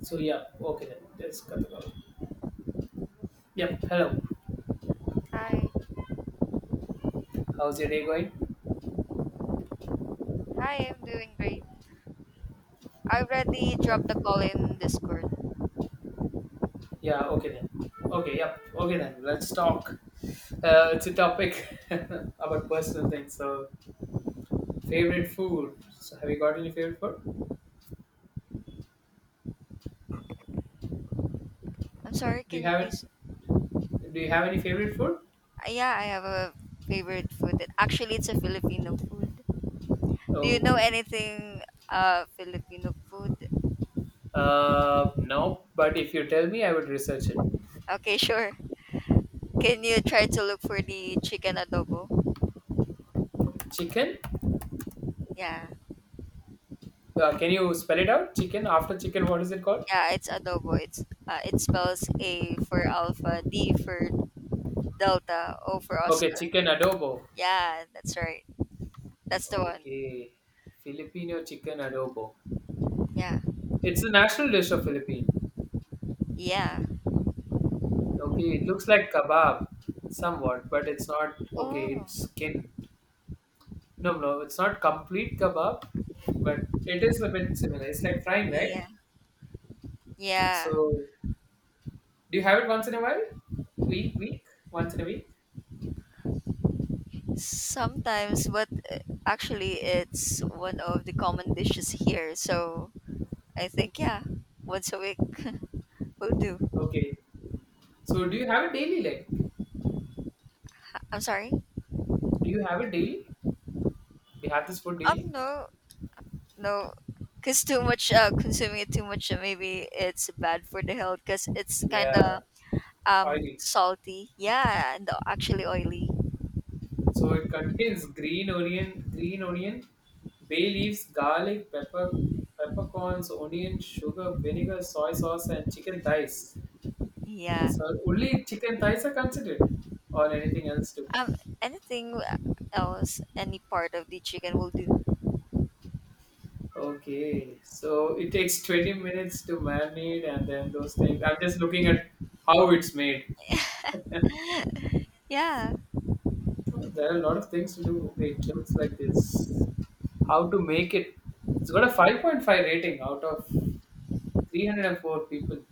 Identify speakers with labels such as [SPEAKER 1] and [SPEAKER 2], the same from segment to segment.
[SPEAKER 1] So yeah, okay then. Let's cut the call. Yep. Hello.
[SPEAKER 2] Hi.
[SPEAKER 1] How's your day going?
[SPEAKER 2] Hi, I'm doing great. I already
[SPEAKER 1] Yep.
[SPEAKER 2] dropped the call in Discord.
[SPEAKER 1] Yeah. Okay then. Okay. Yep. Okay then. Let's talk. It's a topic about personal things. So favorite food. So have you got any favorite food?
[SPEAKER 2] I'm sorry,
[SPEAKER 1] Do you
[SPEAKER 2] can you
[SPEAKER 1] have it?
[SPEAKER 2] please?
[SPEAKER 1] Do you have any favorite food?
[SPEAKER 2] Yeah, I have a favorite food. That, actually, it's a Filipino food. Do you know
[SPEAKER 1] Okay.
[SPEAKER 2] anything Filipino food?
[SPEAKER 1] No. But if you tell me, I would research it.
[SPEAKER 2] Okay, sure. Can you try to look for the chicken adobo?
[SPEAKER 1] Chicken.
[SPEAKER 2] Yeah.
[SPEAKER 1] Can you spell it out? Chicken. After chicken, what is it called?
[SPEAKER 2] Yeah, it's adobo. It's it spells A for alpha, D for delta, O for
[SPEAKER 1] Okay.
[SPEAKER 2] Oscar.
[SPEAKER 1] Chicken adobo.
[SPEAKER 2] Yeah, that's right. That's the one.
[SPEAKER 1] Okay. Filipino chicken adobo.
[SPEAKER 2] Yeah.
[SPEAKER 1] It's the national dish of Philippines.
[SPEAKER 2] Yeah.
[SPEAKER 1] Okay, it looks like kebab somewhat, but it's not okay,
[SPEAKER 2] Oh.
[SPEAKER 1] it's skin. No, no, it's not complete kebab, but it is a bit similar. It's like frying, right?
[SPEAKER 2] Yeah. Yeah.
[SPEAKER 1] So, do you have it once in a while? Week? Once in a week?
[SPEAKER 2] Sometimes, but actually, it's one of the common dishes here. So I think, yeah, once a week will do.
[SPEAKER 1] Okay. So, do you have it daily? Like,
[SPEAKER 2] I'm sorry.
[SPEAKER 1] do you have it daily? Do you have this food daily?
[SPEAKER 2] No, no, cause too much consuming it too much, maybe it's bad for the health. Cause it's kind
[SPEAKER 1] Yeah,
[SPEAKER 2] of
[SPEAKER 1] oily.
[SPEAKER 2] salty. Yeah, and actually oily.
[SPEAKER 1] So it contains green onion, bay leaves, garlic, pepper, peppercorns, onion, sugar, vinegar, soy sauce, and chicken thighs.
[SPEAKER 2] Yeah.
[SPEAKER 1] So only chicken thighs are considered, or anything else too.
[SPEAKER 2] Anything else, any part of the chicken will do.
[SPEAKER 1] Okay, so it takes 20 minutes to marinate, and then those things. I'm just looking at how it's made.
[SPEAKER 2] Yeah,
[SPEAKER 1] Oh, there are a lot of things to do. Okay, it looks like this. How to make it? It's got a 5.5 rating out of 304 people.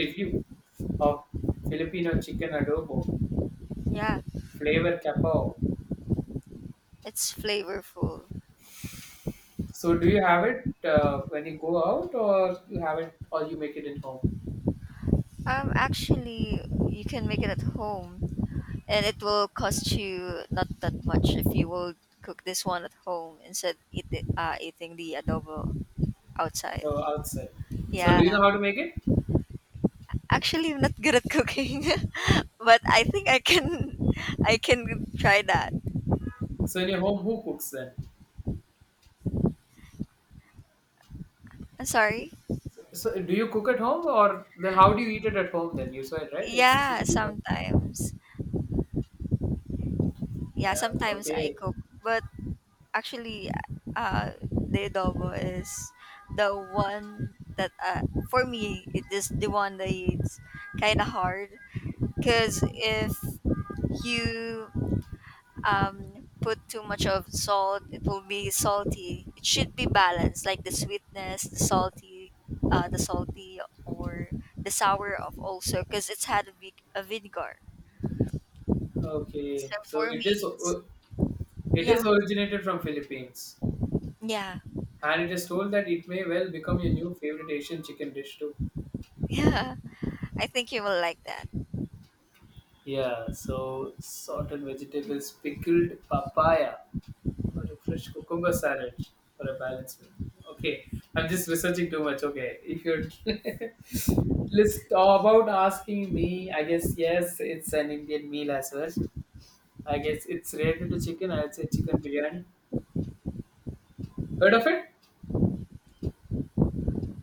[SPEAKER 1] Review of Filipino chicken adobo,
[SPEAKER 2] yeah,
[SPEAKER 1] flavor capao.
[SPEAKER 2] it's flavorful.
[SPEAKER 1] So do you have it when you go out, or you have it, or you make it at home,
[SPEAKER 2] Actually, you can make it at home, and it will cost you not that much if you will cook this one at home instead eat it, eating the adobo outside.
[SPEAKER 1] or outside? So
[SPEAKER 2] Yeah,
[SPEAKER 1] do you know how to make it?
[SPEAKER 2] actually, I'm not good at cooking, but I think I can, I can try that.
[SPEAKER 1] So in your home, who cooks then?
[SPEAKER 2] I'm sorry.
[SPEAKER 1] So do you cook at home, or then how do you eat it at home? Then you saw it right. It's
[SPEAKER 2] Yeah,
[SPEAKER 1] cheap. Yeah.
[SPEAKER 2] sometimes. Yeah, sometimes I
[SPEAKER 1] Okay.
[SPEAKER 2] cook, but actually the adobo is the one that for me it is the one that it's kind of hard because if you put too much of salt, it will be salty. It should be balanced, like the sweetness, the salty, the salty or the sour of also, because it's had a, a vinegar.
[SPEAKER 1] Okay.
[SPEAKER 2] So
[SPEAKER 1] So
[SPEAKER 2] for
[SPEAKER 1] it
[SPEAKER 2] me
[SPEAKER 1] is.
[SPEAKER 2] it's,
[SPEAKER 1] It
[SPEAKER 2] yeah,
[SPEAKER 1] is originated from Philippines,
[SPEAKER 2] yeah.
[SPEAKER 1] and it is told that it may well become your new favorite Asian chicken dish too.
[SPEAKER 2] Yeah, I think you will like that.
[SPEAKER 1] Yeah, so sorted vegetables, pickled papaya, or a fresh cucumber salad for a balanced meal. Okay, I'm just researching too much. Okay, if you're let's talk about asking me, I guess yes, it's an Indian meal as well. I guess it's related to chicken. I'd say chicken biryani. Heard of it?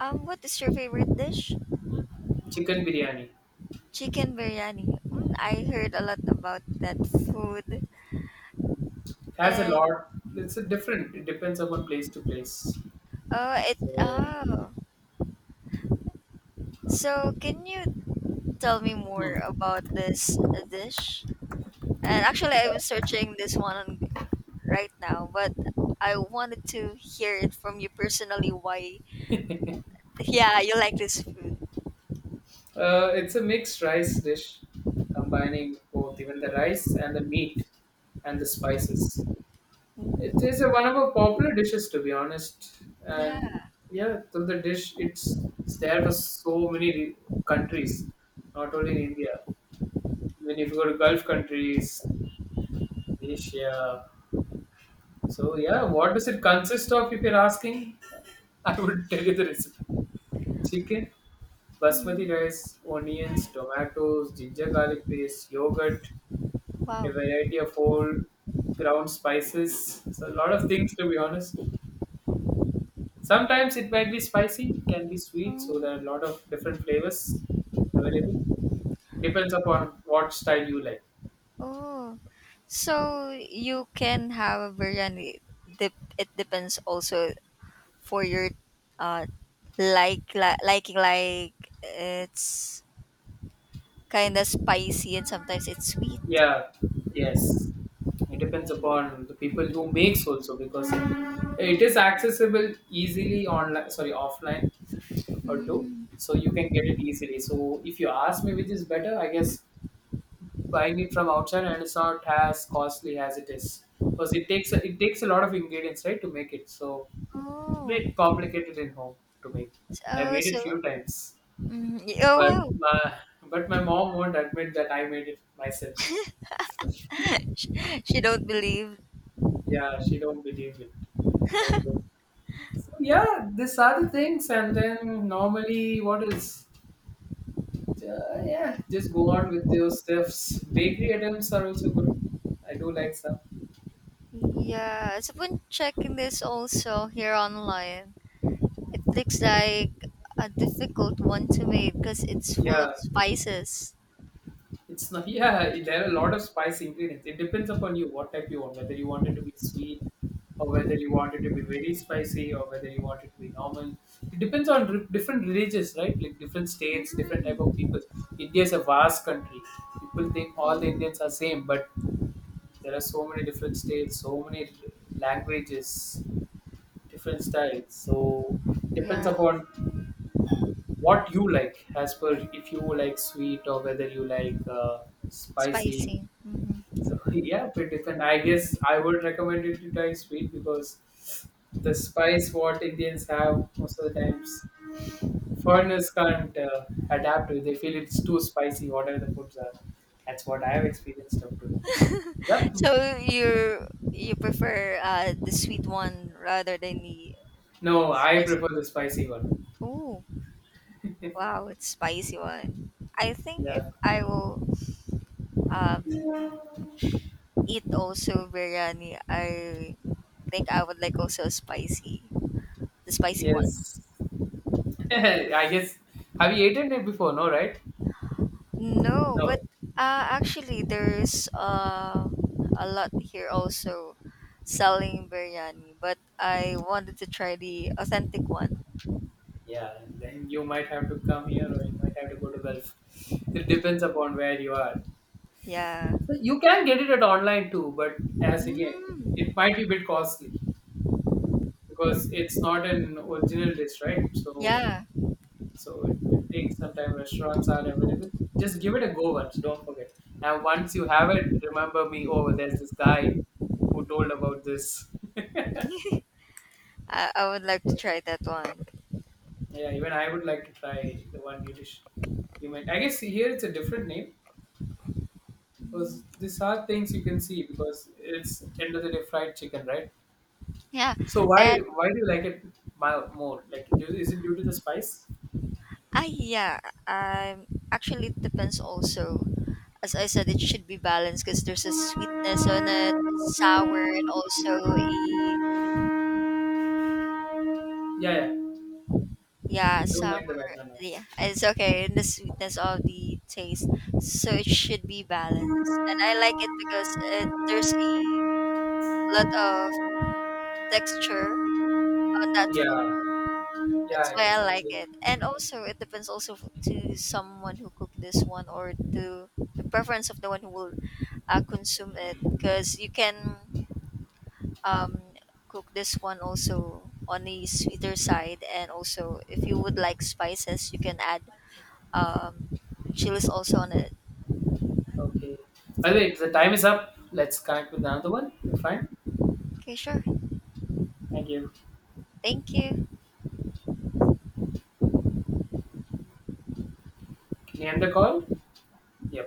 [SPEAKER 2] What is your favorite dish?
[SPEAKER 1] Chicken biryani
[SPEAKER 2] Chicken biryani. Mm, I heard a lot about that food.
[SPEAKER 1] has a
[SPEAKER 2] And
[SPEAKER 1] lot. It's a different. It depends upon place to place.
[SPEAKER 2] oh, it
[SPEAKER 1] So.
[SPEAKER 2] oh. So can you tell me
[SPEAKER 1] Hmm.
[SPEAKER 2] more about this dish? And actually, I'm searching this one on, right now, but I wanted to hear it from you personally. Why? Yeah, you like this food.
[SPEAKER 1] It's a mixed rice dish combining both even the rice and the meat and the spices. It is a,
[SPEAKER 2] Mm,
[SPEAKER 1] one of our popular dishes, to be honest. And
[SPEAKER 2] yeah.
[SPEAKER 1] yeah, so the dish it's there for so many countries, not only in India. When if you go to Gulf countries, Asia. So yeah, what does it consist of? If you're asking, I would tell you the recipe. Chicken, basmati
[SPEAKER 2] Mm,
[SPEAKER 1] rice, onions, tomatoes, ginger garlic paste, yogurt, a
[SPEAKER 2] wow.
[SPEAKER 1] variety of whole ground spices. So a lot of things to be honest. Sometimes it might be spicy, it can be sweet, so
[SPEAKER 2] Mm.
[SPEAKER 1] there are a lot of different flavors available. Depends upon what style you like.
[SPEAKER 2] Oh, so you can have a biryani. Dep It depends also for your uh like liking, like it's kind of spicy and sometimes it's sweet.
[SPEAKER 1] Yeah, yes. It depends
[SPEAKER 2] Oh.
[SPEAKER 1] upon the people who makes also because it is accessible easily online, sorry, offline or two,
[SPEAKER 2] Mm.
[SPEAKER 1] so you can get it easily. So if you ask me which is better, I guess buying it from outside and it's not as costly as it is because it takes a lot of ingredients right to make it. So it's a
[SPEAKER 2] Oh.
[SPEAKER 1] bit complicated in home to make. I
[SPEAKER 2] Oh,
[SPEAKER 1] made it
[SPEAKER 2] so
[SPEAKER 1] few times,
[SPEAKER 2] mm, oh
[SPEAKER 1] but
[SPEAKER 2] wow.
[SPEAKER 1] my, but my mom won't admit that I made it myself.
[SPEAKER 2] she, she don't believe.
[SPEAKER 1] Yeah, she don't believe it. I do. Yeah, these are the things, and then normally what is Yeah, just go on with those stuffs. Bakery items are also good. I do like some.
[SPEAKER 2] Yeah, so been checking this also here online. It looks like a difficult one to make because it's full
[SPEAKER 1] Yeah,
[SPEAKER 2] of spices.
[SPEAKER 1] it's not. Yeah, there are a lot of spice ingredients. It depends upon you what type you want. Whether you want it to be sweet, or whether you want it to be very spicy, or whether you want it to be normal. It depends on different religions, right? Like different states, different type of
[SPEAKER 2] Mm.
[SPEAKER 1] people. India is a vast country. People think all the
[SPEAKER 2] Oh.
[SPEAKER 1] Indians are same, but there are so many different states, so many languages, different styles. So depends
[SPEAKER 2] Yeah,
[SPEAKER 1] upon what you like, as per if you like sweet or whether you like spicy.
[SPEAKER 2] spicy. Hmm.
[SPEAKER 1] So yeah, bit different. I guess I would recommend it to try sweet because the spice what Indians have most of the times foreigners can't adapt to. They feel it's too spicy. Whatever the foods are, that's what I have experienced up to. Yep.
[SPEAKER 2] So you prefer the sweet one rather than the
[SPEAKER 1] No, I prefer
[SPEAKER 2] spicy?
[SPEAKER 1] the spicy one.
[SPEAKER 2] Oh, wow, it's spicy one. I think if
[SPEAKER 1] Yeah.
[SPEAKER 2] I will um eat also biryani, I think I would like also spicy, the spicy one.
[SPEAKER 1] Yes. I guess have you eaten it before? No, right?
[SPEAKER 2] No,
[SPEAKER 1] No.
[SPEAKER 2] but actually, there's a lot here also selling biryani, but I wanted to try the authentic one.
[SPEAKER 1] Yeah, then you might have to come here, or you might have to go to Gulf. It depends upon where you are.
[SPEAKER 2] Yeah,
[SPEAKER 1] So you can get it at online too, but as again, it
[SPEAKER 2] mm,
[SPEAKER 1] might be a bit costly because it's not an original dish, right? So
[SPEAKER 2] yeah,
[SPEAKER 1] so it takes some time. Restaurants are available. Just give it a go once. Don't forget. And once you have it, remember me. Oh, there's this guy who told about this.
[SPEAKER 2] I would like to try that one.
[SPEAKER 1] Yeah, even I would like to try the one you dish. You meant I guess here it's a different name because
[SPEAKER 2] Mhm.
[SPEAKER 1] these are things you can see because it's end of the day fried chicken, right?
[SPEAKER 2] Yeah,
[SPEAKER 1] So why
[SPEAKER 2] and
[SPEAKER 1] why do you like it more? Like, do, is it due to the spice?
[SPEAKER 2] I yeah, um, actually it depends also. As I said, it should be balanced because there's a sweetness on it, sour, and also a
[SPEAKER 1] Yeah, yeah.
[SPEAKER 2] yeah
[SPEAKER 1] Don't
[SPEAKER 2] sour.
[SPEAKER 1] mind the background noise.
[SPEAKER 2] Yeah, it's okay in the sweetness of the taste. So it should be balanced. And I like it because it, there's a lot of texture on that food.
[SPEAKER 1] Yeah, yeah.
[SPEAKER 2] That's
[SPEAKER 1] I
[SPEAKER 2] why
[SPEAKER 1] guess
[SPEAKER 2] I
[SPEAKER 1] I'll
[SPEAKER 2] like
[SPEAKER 1] say
[SPEAKER 2] it. And also, it depends also to someone who cook this one or to the preference of the one who will consume it. Because you can um, cook this one also on the sweeter side. And also, if you would like spices, you can add um, chilies also on it.
[SPEAKER 1] okay. By the way, the time is up. Let's connect with another one. We're fine.
[SPEAKER 2] Okay, sure.
[SPEAKER 1] Thank you.
[SPEAKER 2] Thank you.
[SPEAKER 1] Can you end the call? Yep.